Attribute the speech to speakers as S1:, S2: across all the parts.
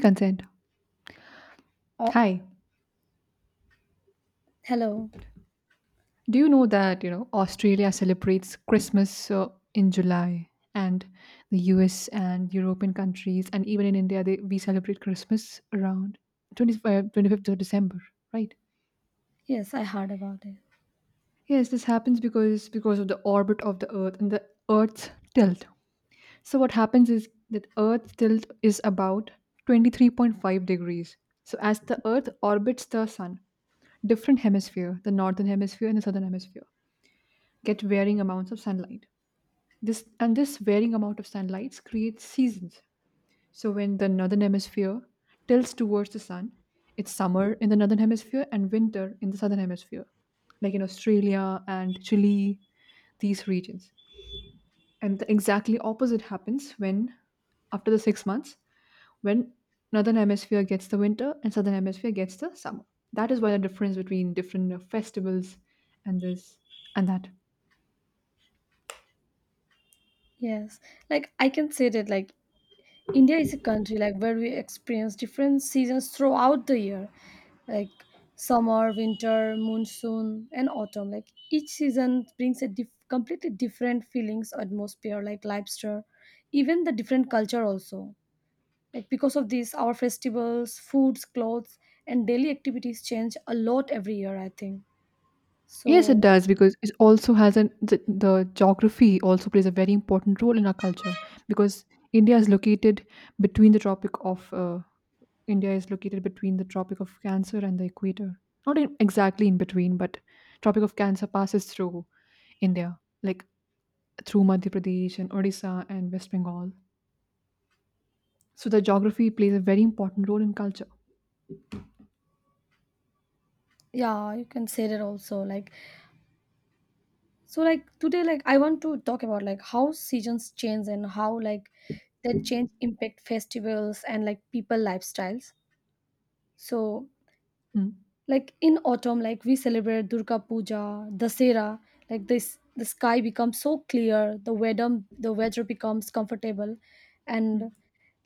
S1: Consent.
S2: Oh,
S1: Hi.
S2: hello.
S1: Do you know that, you know, Australia celebrates Christmas in July? And the US and European countries, and even in India they we celebrate Christmas around 25th of December, right?
S2: Yes, I heard about it.
S1: Yes, this happens because of the orbit of the earth and the earth's tilt. So what happens is that earth's tilt is about 23.5 degrees. So as the earth orbits the sun, different hemisphere, the northern hemisphere and the southern hemisphere get varying amounts of sunlight. This varying amount of sunlight creates seasons. So when the northern hemisphere tilts towards the sun, it's summer in the northern hemisphere and winter in the southern hemisphere, like in Australia and Chile, these regions. And the exactly opposite happens when after the 6 months, when northern hemisphere gets the winter and southern hemisphere gets the summer. That is why the difference between different festivals and this and that.
S2: Yes, like I can say that, like, India is a country like where we experience different seasons throughout the year, like summer, winter, monsoon, and autumn. Like each season brings a completely different feelings, atmosphere, like lifestyle, even the different culture also. Like because of this, our festivals, foods, clothes, and daily activities change a lot every year. I think
S1: Yes, it
S2: so.
S1: does because it also has the geography also plays a very important role in our culture because India is located between the tropic of uh, India is located between the tropic of Cancer and the equator. Not in, exactly in between, but tropic of Cancer passes through India, like through Madhya Pradesh and Odisha and West Bengal. So the geography plays a very important role in culture.
S2: Yeah, you can say that also, like. So, like, today, like I want to talk about like how seasons change and how like that change impact festivals and like people lifestyles. So
S1: Mm.
S2: like in autumn, like we celebrate Durga Puja, Dasera, like this the sky becomes so clear, the weather becomes comfortable.
S1: Mm.
S2: And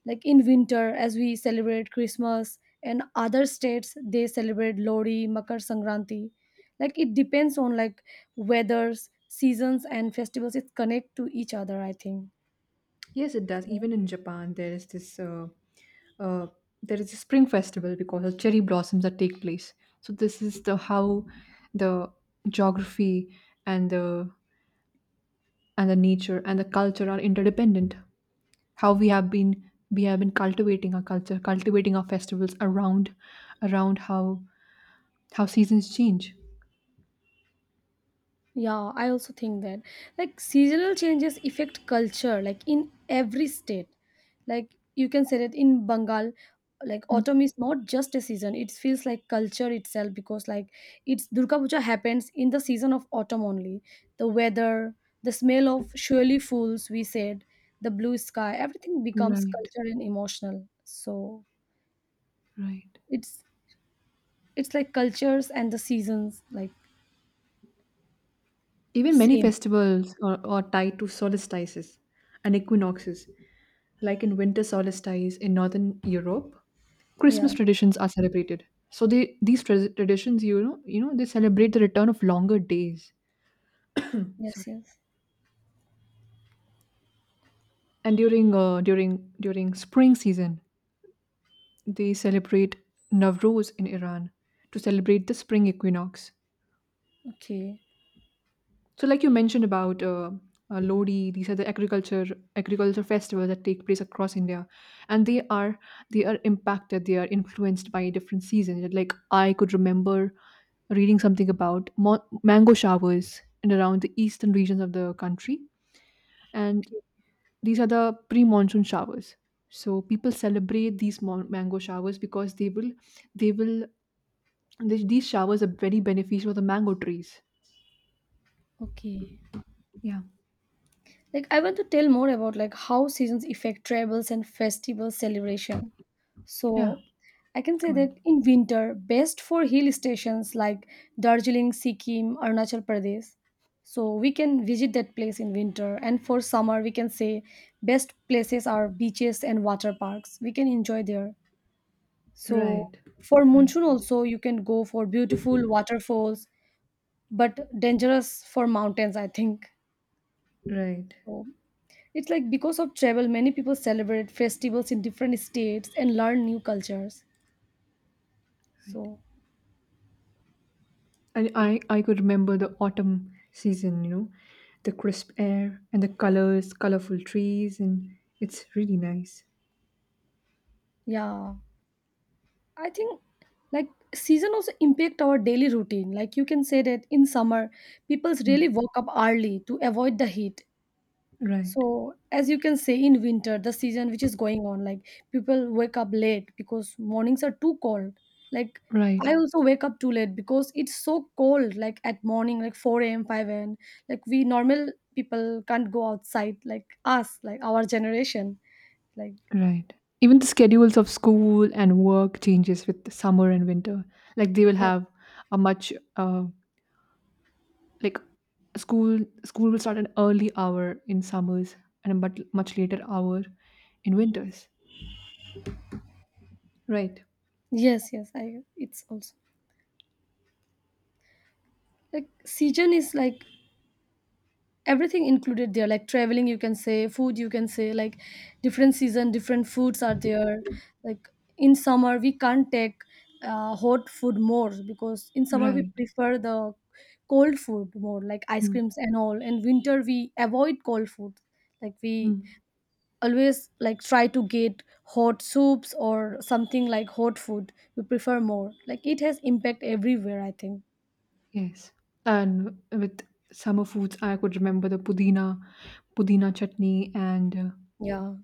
S2: like in winter as we celebrate Christmas and other states they celebrate Lori, Makar Sankranti, like it depends on like weathers, seasons, and festivals, it connect to each other, I think.
S1: Yes, it does.
S2: So,
S1: Even in Japan, there is this. Uh, there is a spring festival because of cherry blossoms that take place. So this is the how the geography and the and the nature and the culture are interdependent. How we have been cultivating our culture, cultivating our festivals around how seasons change.
S2: yeah, I also think that like seasonal changes affect culture like in every state. Like you can say that in Bengal, like
S1: Mm.
S2: autumn is not just a season, it feels like culture itself because like it's Durga Puja happens in the season of autumn only. The weather, the smell of surely fools, we said, the blue sky, everything becomes
S1: Right,
S2: cultural and emotional. So
S1: right.
S2: it's it's like cultures and the seasons, like,
S1: Even many
S2: same.
S1: festivals are tied to solstices and equinoxes, like in winter solstice in northern Europe
S2: Yeah.
S1: Christmas traditions are celebrated. So they traditions, they celebrate the return of longer days.
S2: Yes,
S1: Sorry.
S2: yes.
S1: And during spring season, they celebrate Navroz in Iran to celebrate the spring equinox.
S2: Okay.
S1: So, like you mentioned about Lodi, these are the agriculture festivals that take place across India, and they are they are influenced by different seasons. Like I could remember reading something about mango showers in around the eastern regions of the country, and these are the pre-monsoon showers. So people celebrate these mango showers because they will these showers are very beneficial for the mango trees.
S2: Okay.
S1: Yeah,
S2: Like I want to tell more about like how seasons affect travels and festival celebration.
S1: yeah.
S2: So I can say
S1: Go ahead.
S2: that in winter, best for hill stations like Darjeeling, Sikkim, Arunachal Pradesh. So we can visit that place in winter. And for summer, we can say best places are beaches and water parks. We can enjoy there. So
S1: Right,
S2: for
S1: right,
S2: monsoon also, you can go for beautiful waterfalls, but dangerous for mountains, I think.
S1: right,
S2: So it's like because of travel, many people celebrate festivals in different states and learn new cultures.
S1: right.
S2: So,
S1: And I could remember the autumn season, you know, the crisp air and the colors, colorful trees, and it's really nice.
S2: yeah, I think like season also impact our daily routine. Like you can say that in summer, people
S1: Mm.
S2: really wake up early to avoid the heat.
S1: Right,
S2: So, as you can say, in winter, the season which is going on, like people wake up late because mornings are too cold. Like
S1: right,
S2: I also wake up too late because it's so cold, like at morning, like 4 a.m., 5 a.m. Like we normal people can't go outside, like us, like our generation. Like
S1: right. Even the schedules of school and work changes with the summer and winter. Like they will
S2: yes,
S1: have a much like school will start an early hour in summers and a much later hour in winters. Right,
S2: yes, yes. I it's also like season is like everything included there, like traveling, you can say, food, you can say, like different season different foods are there, like in summer we can't take hot food more because in summer we
S1: right.
S2: prefer the cold food more, like ice creams and all, and winter we avoid cold food, like we
S1: Mm,
S2: always like try to get hot soups or something, like hot food we prefer more, like it has impact everywhere, I think.
S1: yes. And with summer foods, I could remember the pudina chutney,
S2: Yeah.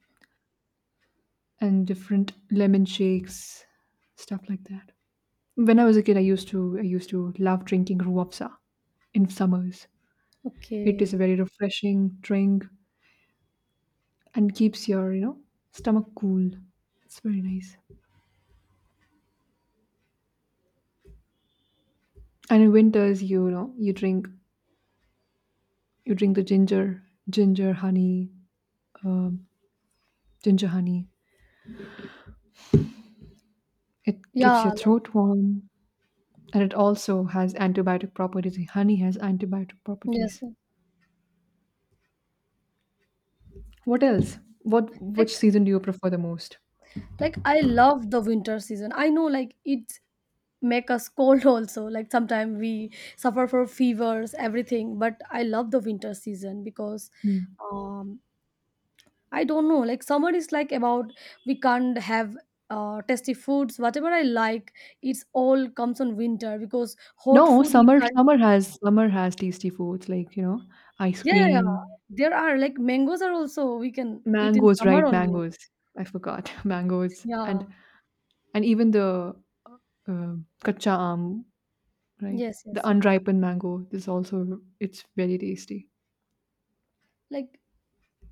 S1: and different lemon shakes, stuff like that. When I was a kid, I used to love drinking ruafsa in summers. It is a
S2: Okay.
S1: very refreshing drink and keeps your you know stomach cool. It's very nice. And in winters, you know you drink the ginger honey ginger honey. It keeps your
S2: Yeah. Like
S1: throat warm. And it also has antibiotic properties. Honey has antibiotic
S2: yes,
S1: properties.
S2: yes.
S1: What else? What
S2: like
S1: which season do you prefer the most?
S2: like I love the winter season, I know like it make us cold also, like sometimes we suffer for fevers, everything, but I love the winter season because
S1: Hmm.
S2: um I don't know, like summer is like about we can't have tasty foods whatever I like, it's all comes on winter because hot
S1: No,
S2: food we
S1: summer
S2: can't.
S1: summer has summer has tasty foods like, you know, ice
S2: Yeah, yeah.
S1: cream,
S2: There are like mangoes are also we can eat in
S1: mangoes,
S2: summer
S1: right?
S2: only.
S1: Mangoes. I forgot. Mangoes
S2: Yeah,
S1: and even the uh, kacha aam, right?
S2: yes, yes,
S1: The
S2: yes.
S1: unripened mango is also it's very tasty.
S2: Like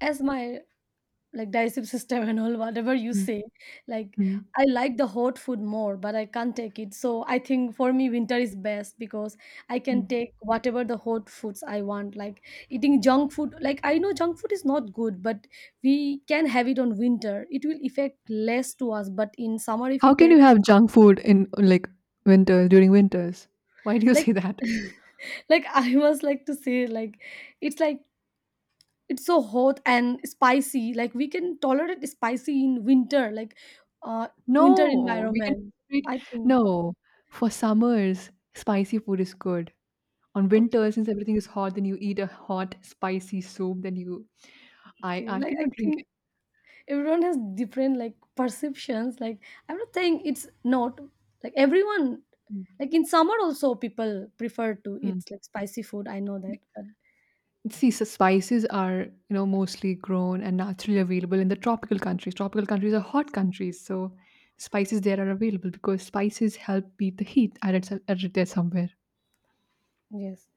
S2: as my, like, digestive system and all whatever you
S1: Mm,
S2: say, like
S1: mm,
S2: I like the hot food more but I can't take it, so I think for me winter is best because I can
S1: mm.
S2: take whatever the hot foods I want, like eating junk food. Like I know junk food is not good, but we can have it on winter, it will affect less to us, but in summer if
S1: How
S2: we
S1: can
S2: take,
S1: you have junk food in like winter during winters? Why do you
S2: like,
S1: say that?
S2: like I was like to say, like it's so hot and spicy, like we can tolerate spicy in winter, like uh winter
S1: No, we can
S2: environment,
S1: celebrate
S2: I think.
S1: No, for summers, spicy food is good. On
S2: Okay.
S1: winter, since everything is hot, then you eat a hot, spicy soup. Then you, I,
S2: Okay,
S1: I
S2: like I
S1: cannot drink
S2: think everyone has different like perceptions. Like I'm not saying it's not, like everyone,
S1: it.
S2: like in summer also people prefer to
S1: Mm.
S2: eat like spicy food, I know that,
S1: Be-
S2: but
S1: See, so spices are you know mostly grown and naturally available in the tropical countries. Tropical countries are
S2: yes,
S1: hot countries, so spices there are available because spices help beat the heat. I read, I read that somewhere.
S2: yes,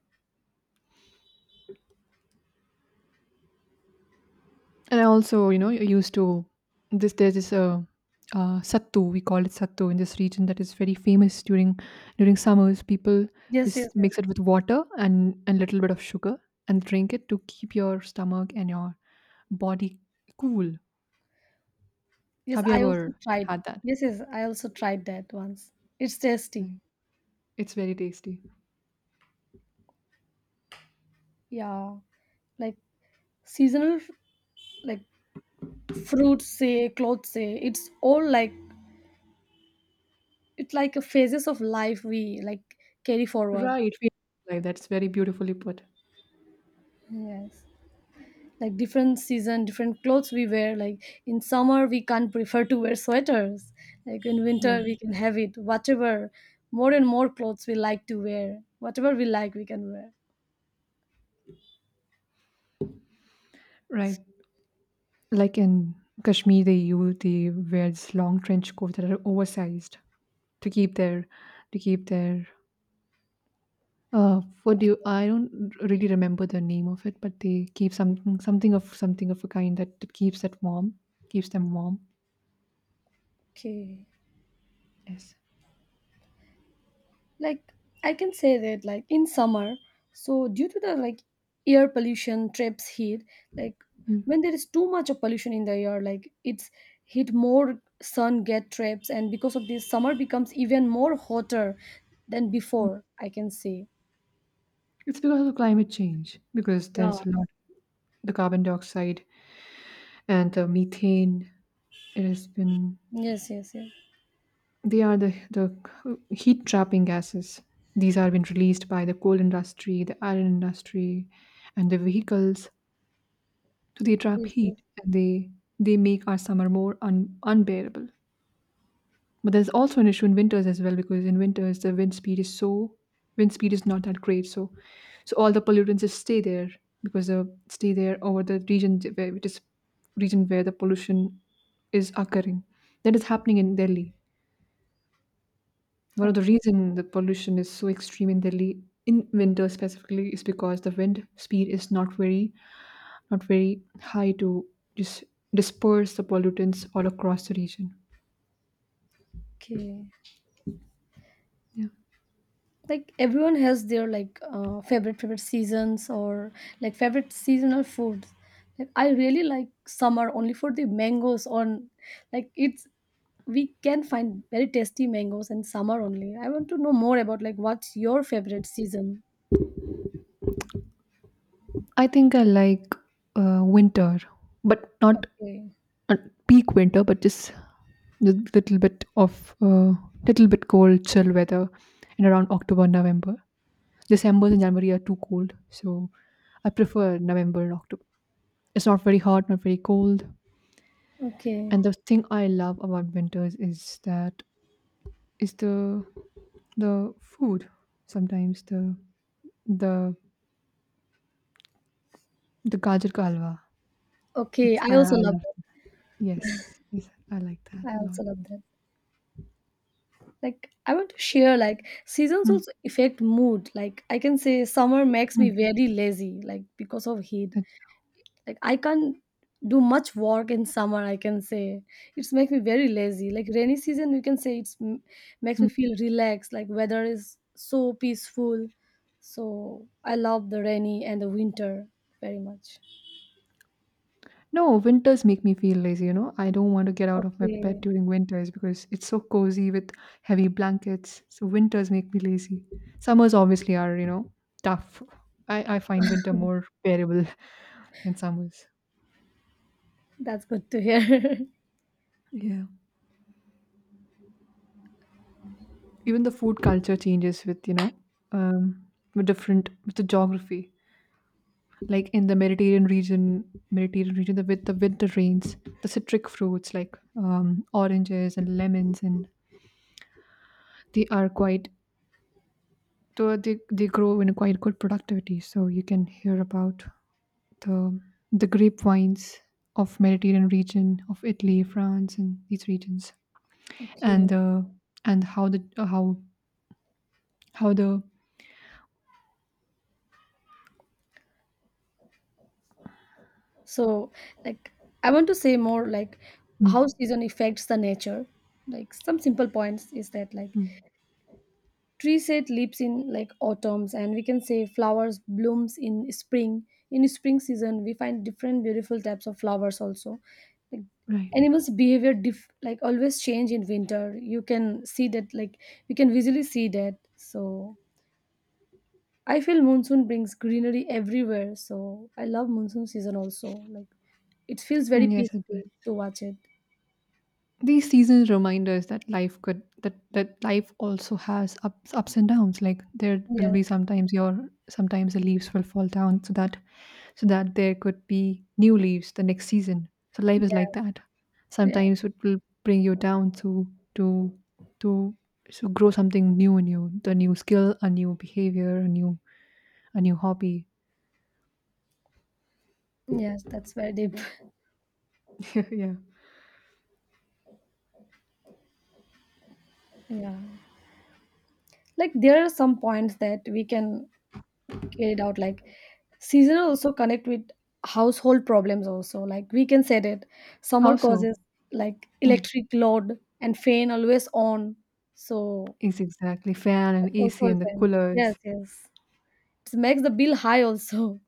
S1: And I also, you know, used to this. There's this sattu. We call it sattu in this region that is very famous during summers. People
S2: yes, yes,
S1: just mix
S2: yes,
S1: it with water and little bit of sugar and drink it to keep your stomach and your body cool.
S2: yes,
S1: Have you
S2: I also
S1: ever
S2: tried.
S1: had that?
S2: Yes, yes, I also tried that once, it's tasty.
S1: Right. It's very tasty.
S2: Yeah, like seasonal, like fruits say, clothes say, it's all like it's like a phases of life we like carry forward.
S1: Right. Like that's very beautifully put.
S2: Yes, like different season different clothes we wear, like in summer we can't prefer to wear sweaters, like in winter
S1: Right.
S2: we can have it whatever, more and more clothes we like to wear, whatever we like we can wear.
S1: Right. Like in Kashmir, they wear these long trench coats that are oversized to keep their what do
S2: Okay.
S1: you I don't really remember the name of it but they keep something of a kind that, keeps that warm keeps them warm.
S2: Okay.
S1: Yes.
S2: Like I can say that like in summer, so due to the, like, air pollution traps heat, like
S1: Mm,
S2: when there is too much of pollution in the air, like it's heat more, sun get traps, and because of this summer becomes even more hotter than
S1: mm.
S2: before, I can say.
S1: It's because of climate change, because
S2: Yeah.
S1: there's a lot the carbon dioxide and the methane. It has been
S2: Yes, yes, yes.
S1: they are the heat trapping gases. These are been released by the coal industry, the iron industry, and the vehicles. So they trap
S2: Yes,
S1: heat
S2: yes.
S1: and they make our summer more unbearable. But there's also an issue in winters as well because in winters the wind speed is so wind speed is not that great. So so all the pollutants just stay there because they stay there over the region where which is region where the pollution is occurring. That is happening in Delhi. One of the reason the pollution is so extreme in Delhi in winter specifically is because the wind speed is not very high to just disperse the pollutants all across the region.
S2: Okay.
S1: Yeah.
S2: Like everyone has their like favorite seasons or like favorite seasonal foods. Like I really like summer only for the mangoes on, like it's, we can find very tasty mangoes in summer only. I want to know more about like what's your favorite season.
S1: I think I like winter, but not
S2: Okay.
S1: a peak winter, but just a little bit of little bit cold, chill weather in around October, November. December and January are too cold, so I prefer November and October. It's not very hot, not very cold.
S2: Okay.
S1: And the thing I love about winters is that is the food. Sometimes The the gajar ka halwa.
S2: Okay,
S1: It's
S2: I also
S1: I
S2: love
S1: love
S2: that.
S1: yes, yes, I like that
S2: I
S1: a lot.
S2: also love that. Like I want to share like seasons
S1: Hmm,
S2: also affect mood, like I can say summer makes me
S1: hmm,
S2: very lazy like because of heat.
S1: अच्छा,
S2: Like I can't do much work in summer, I can say. It's make me very lazy. Like rainy season, you can say it's makes me
S1: hmm.
S2: feel relaxed. Like weather is so peaceful. So I love the rainy and the winter very much.
S1: No, winters make me feel lazy, you know. I don't want to get out of my bed
S2: Okay,
S1: during winters because it's so cozy with heavy blankets. So winters make me lazy. Summers obviously are, you know, tough. I find winter more bearable than summers.
S2: that's good to hear.
S1: Yeah. Even the food culture changes with, you know, um, with different, with the geography, like in the Mediterranean region, the with the winter rains, the citric fruits like oranges and lemons, and they are quite so they grow in a quite good productivity. So you can hear about the grapevines of Mediterranean region of Italy, France, and these regions,
S2: Okay.
S1: and uh, and how the
S2: So like I want to say more like how
S1: mm,
S2: season affects the nature. Like some simple points is that, like,
S1: mm,
S2: tree set leaves in like autumns, and we can say flowers blooms in spring, in spring season we find different beautiful types of flowers also, like
S1: right
S2: animals behavior like always change in winter, you can see that, like we can visually see that. So I feel monsoon brings greenery everywhere, so I love monsoon season also, like it feels very
S1: yes.
S2: peaceful to watch it.
S1: These seasons remind us that life could that that life also has ups and downs. Like there will
S2: Yes,
S1: be sometimes the leaves will fall down so that there could be new leaves the next season. So life is like
S2: yes.
S1: that.
S2: Yeah,
S1: Sometimes it will bring you down to to to grow something new in you, the new skill, a new behavior, a new hobby.
S2: yes, that's very deep.
S1: Yeah.
S2: Yeah, like there are some points that we can get it out, like seasonal also connect with household problems also, like we can set it, summer
S1: Also,
S2: causes like
S1: hmm.
S2: electric load and fan always on. So
S1: It's exactly fan and
S2: that's also
S1: AC
S2: a
S1: and the
S2: fan, yes,
S1: coolers.
S2: yes, it makes the bill high also.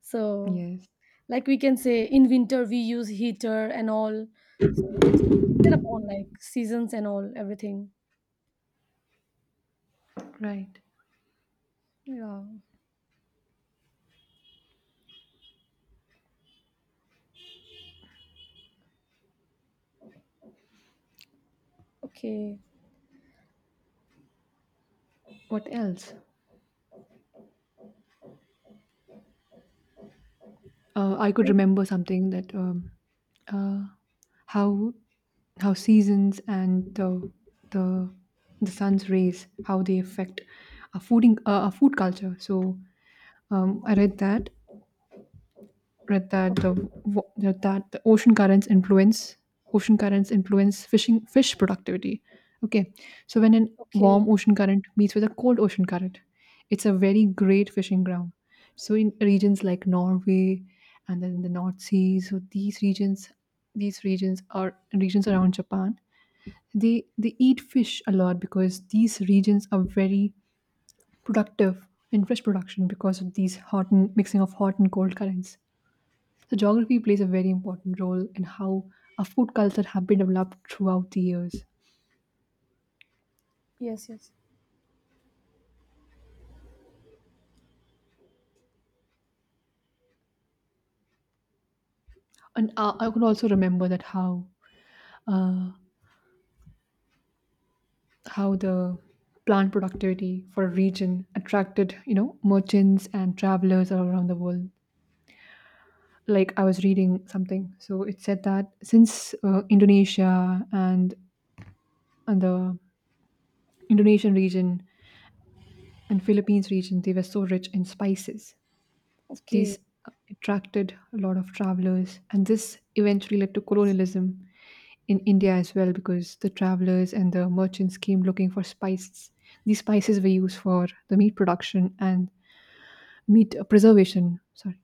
S2: So
S1: Yes.
S2: like we can say in winter we use heater and all, so it's depend upon like seasons and all, everything.
S1: Right.
S2: Yeah. Okay.
S1: What else? I could
S2: Like
S1: remember something that uh, how seasons and the the sun's rays how they affect our fooding our food culture. So I read that, the
S2: okay.
S1: wa- that ocean currents influence fish productivity. Okay, so when a
S2: Okay,
S1: warm ocean current meets with a cold ocean current, it's a very great fishing ground. So in regions like Norway and then the North Sea, so these regions are regions around Japan. They eat fish a lot because these regions are very productive in fish production because of these hot and mixing of hot and cold currents. So geography plays a very important role in how our food culture have been developed throughout the years.
S2: yes, yes.
S1: And I could also remember that uh, how the plant productivity for a region attracted you know merchants and travelers all around the world. Like I was reading something, so it said that since Indonesia and the Indonesian region and Philippines region, they were so rich in spices.
S2: Okay.
S1: These attracted a lot of travelers, and this eventually led to
S2: Yes.
S1: colonialism in India as well because the travelers and the merchants came looking for spices. These spices were used for the meat production and meat preservation. Sorry.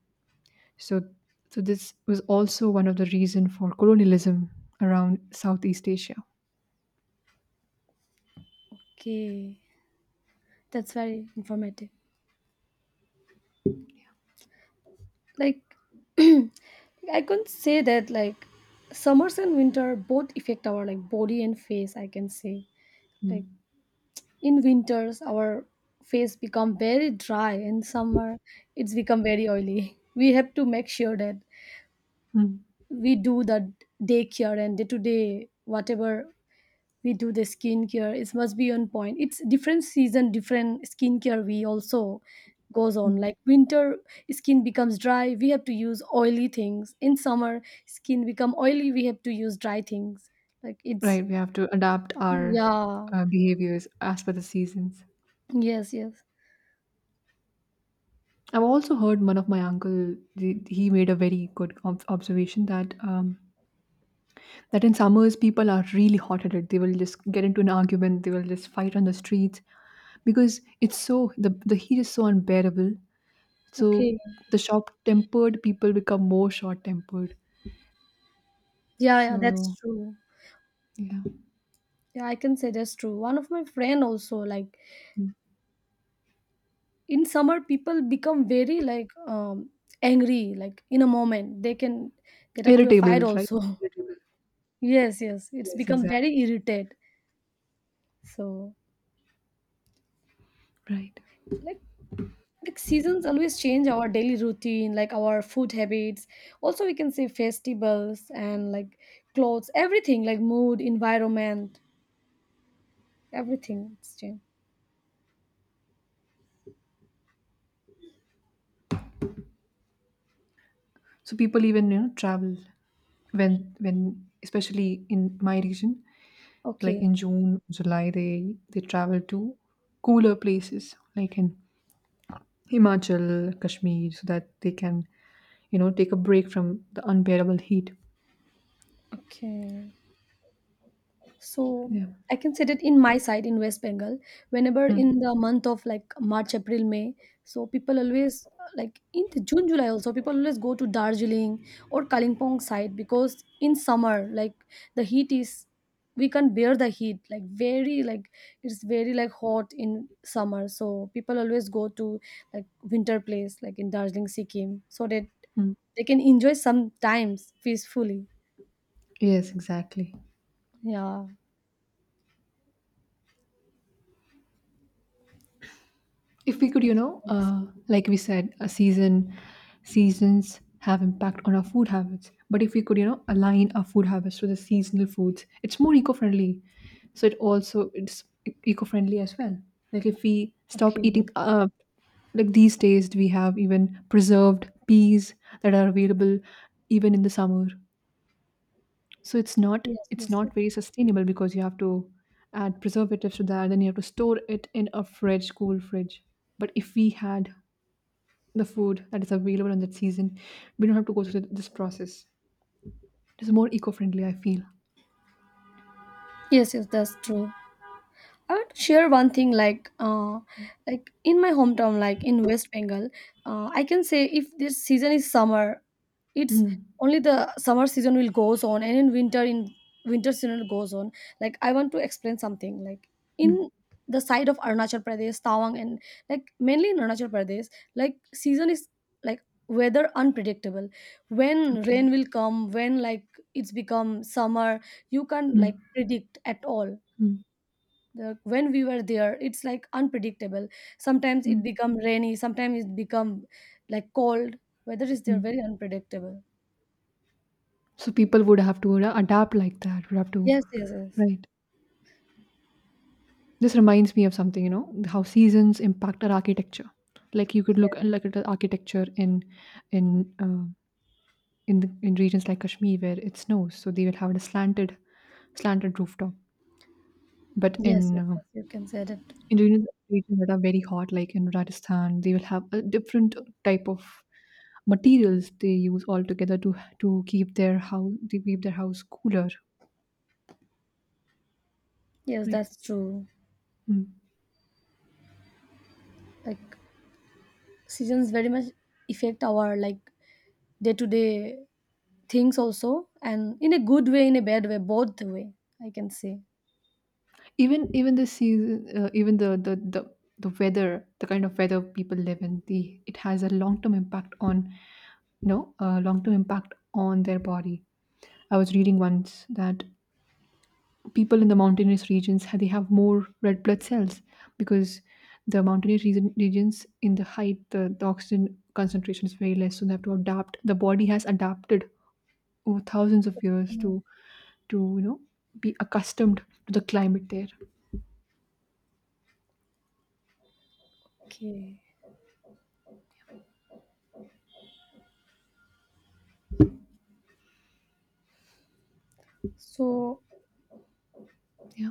S1: So, so this was also one of the reason for colonialism around Southeast Asia.
S2: Okay. That's very informative. Like I can say that like summers and winter both affect our like body and face, I can say. Like
S1: Mm.
S2: in winters our face become very dry, and summer it's become very oily. We have to make sure that
S1: Mm.
S2: we do the daycare and day to day, whatever we do the skincare, it must be on point, it's different season different skincare, we also goes on,
S1: Mm.
S2: like winter skin becomes dry, we have to use oily things, in summer skin become oily, we have to use dry things, like it's
S1: Right, we have to adapt our
S2: yeah.
S1: behaviors as per the seasons.
S2: Yes, yes.
S1: I've also heard one of my uncle. He made a very good observation that in summers people are really hot-headed. They will just get into an argument. They will just fight on the streets because it's so the heat is so unbearable. So
S2: Okay.
S1: the short-tempered people become more short-tempered.
S2: Yeah, yeah, that's
S1: So
S2: true.
S1: yeah.
S2: Yeah, I can say that's true. One of my friend also, like
S1: Mm.
S2: in summer people become very like angry, like in a moment they can get up to a fight
S1: Irritable, right?
S2: also.
S1: Irritable.
S2: Yes, yes, it's
S1: Yes,
S2: become very
S1: exactly.
S2: irritated. So,
S1: Right.
S2: like, like seasons always change our daily routine, like our food habits. Also, we can say festivals and like clothes, everything, like mood, environment, everything, it's changed.
S1: So people even travel when when especially in my region like
S2: Okay,
S1: in June, July, they travel to cooler places like in Himachal, Kashmir, so that they can, take a break from the unbearable heat.
S2: okay. So
S1: Yeah.
S2: I can say that in my side in West Bengal, whenever
S1: Mm,
S2: in the month of like March, April, May, so people always like in the June, July also people always go to Darjeeling or Kalimpong side because in summer like the heat is, we can't bear the heat like very, like it's very like hot in summer, so people always go to like winter place like in Darjeeling, Sikkim so that
S1: mm.
S2: they can enjoy sometimes peacefully.
S1: Yes, exactly.
S2: Yeah,
S1: If we
S2: that's
S1: could
S2: the thing.
S1: like we said a seasons have impact on our food habits, but if we could align our food habits to the seasonal foods, it's more eco-friendly. So it also it's eco-friendly as well. Like if we stop
S2: Okay.
S1: eating like these days we have even preserved peas that are available even in the summer. So
S2: Yes,
S1: it's
S2: yes, yes,
S1: not very sustainable because you have to add preservatives to that, then you have to store it in a fridge cool fridge. But if we had the food that is available on that season, we don't have to go through this process. It's more eco-friendly, I feel.
S2: yes, yes, that's true. I would share one thing, like in my hometown, like in West Bengal, I can say if this season is summer, it's
S1: Mm,
S2: only the summer season will goes on, and in winter season goes on. Like I want to explain something, like
S1: mm.
S2: in the side of Arunachal Pradesh, Tawang, and like mainly in Arunachal Pradesh, like season is like weather unpredictable. When
S1: Okay.
S2: rain will come, when like it's become summer, you can't like
S1: Mm,
S2: predict at all
S1: mm,
S2: the. When we were there it's like unpredictable, sometimes it
S1: mm,
S2: become rainy, sometimes it become like cold, weather is there
S1: mm.
S2: very unpredictable.
S1: So people would have to adapt like that would have to
S2: Yes, yes, yes.
S1: right. This reminds me of something, you know, how seasons impact our architecture. Like you could
S2: Yes,
S1: like at the architecture in in uh, in the in regions like Kashmir where it snows, so they will have a slanted rooftop. But
S2: yes, yes, yes you can say that.
S1: in regions that are very hot, like in Rajasthan, they will have a different type of materials they use altogether to to keep their house cooler.
S2: Yes,
S1: Right.
S2: that's true.
S1: Mm.
S2: Like seasons very much affect our like day to day things also, and in a good way, in a bad way, both way, I can say.
S1: Even the season, even the weather, the kind of weather people live in, the it has a long term impact on, you know, a long term impact on their body. I was reading once that people in the mountainous regions they have more red blood cells because the mountainous regions in the height, the oxygen concentration is very less, so they have to adapt, the body has adapted over thousands of years to
S2: Mm.
S1: you know be accustomed to the climate there.
S2: Okay. So
S1: Yeah.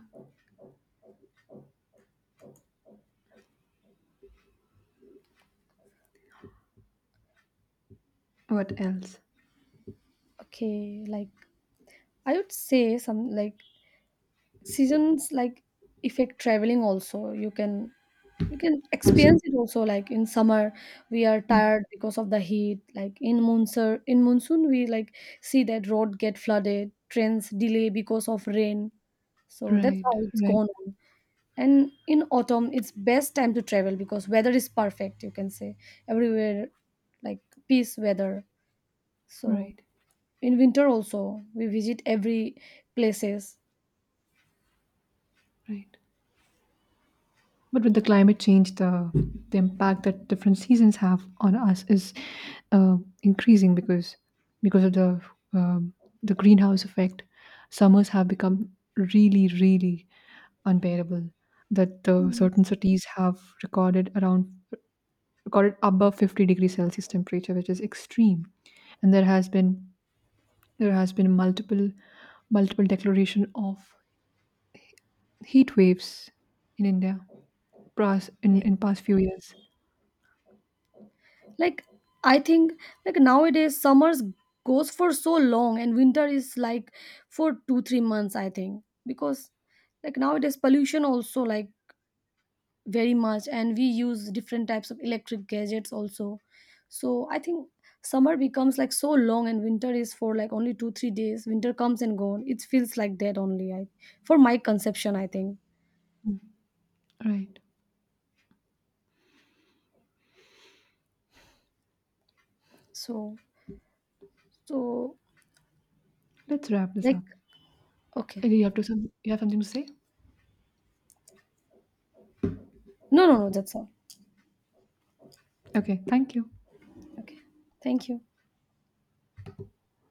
S1: What else?
S2: okay, like I would say some, like seasons like effect traveling also, you can, you can
S1: Also.
S2: experience it also, like in summer we are tired because of the heat, like in monsoon we like see that road get flooded, trains delay because of rain, so that's
S1: right
S2: how it's
S1: right
S2: gone on. And in autumn it's best time to travel because weather is perfect, you can say, everywhere, like peace weather. So
S1: right
S2: in winter also we visit every places.
S1: right But with the climate change, the impact that different seasons have on us is uh, increasing because because of um, the greenhouse effect. Summers have become really, really unbearable. That certain cities have recorded above 50 degrees Celsius temperature, which is extreme. And there has been multiple declaration of heat waves in India
S2: Okay.
S1: in past few years.
S2: Like I think, like nowadays summers goes for so long and winter is like for 2 3 months I think, because like nowadays pollution also like very much, and we use different types of electric gadgets also, so I think summer becomes like so long, and winter is for like only 2 3 days, winter comes and gone, it feels like that only, I, for my conception I think.
S1: Right.
S2: So, so
S1: Let's wrap this up.
S2: like okay.
S1: Do you have to some you have something to say?
S2: No, no, no, that's all.
S1: Okay, thank you.
S2: Okay, thank you.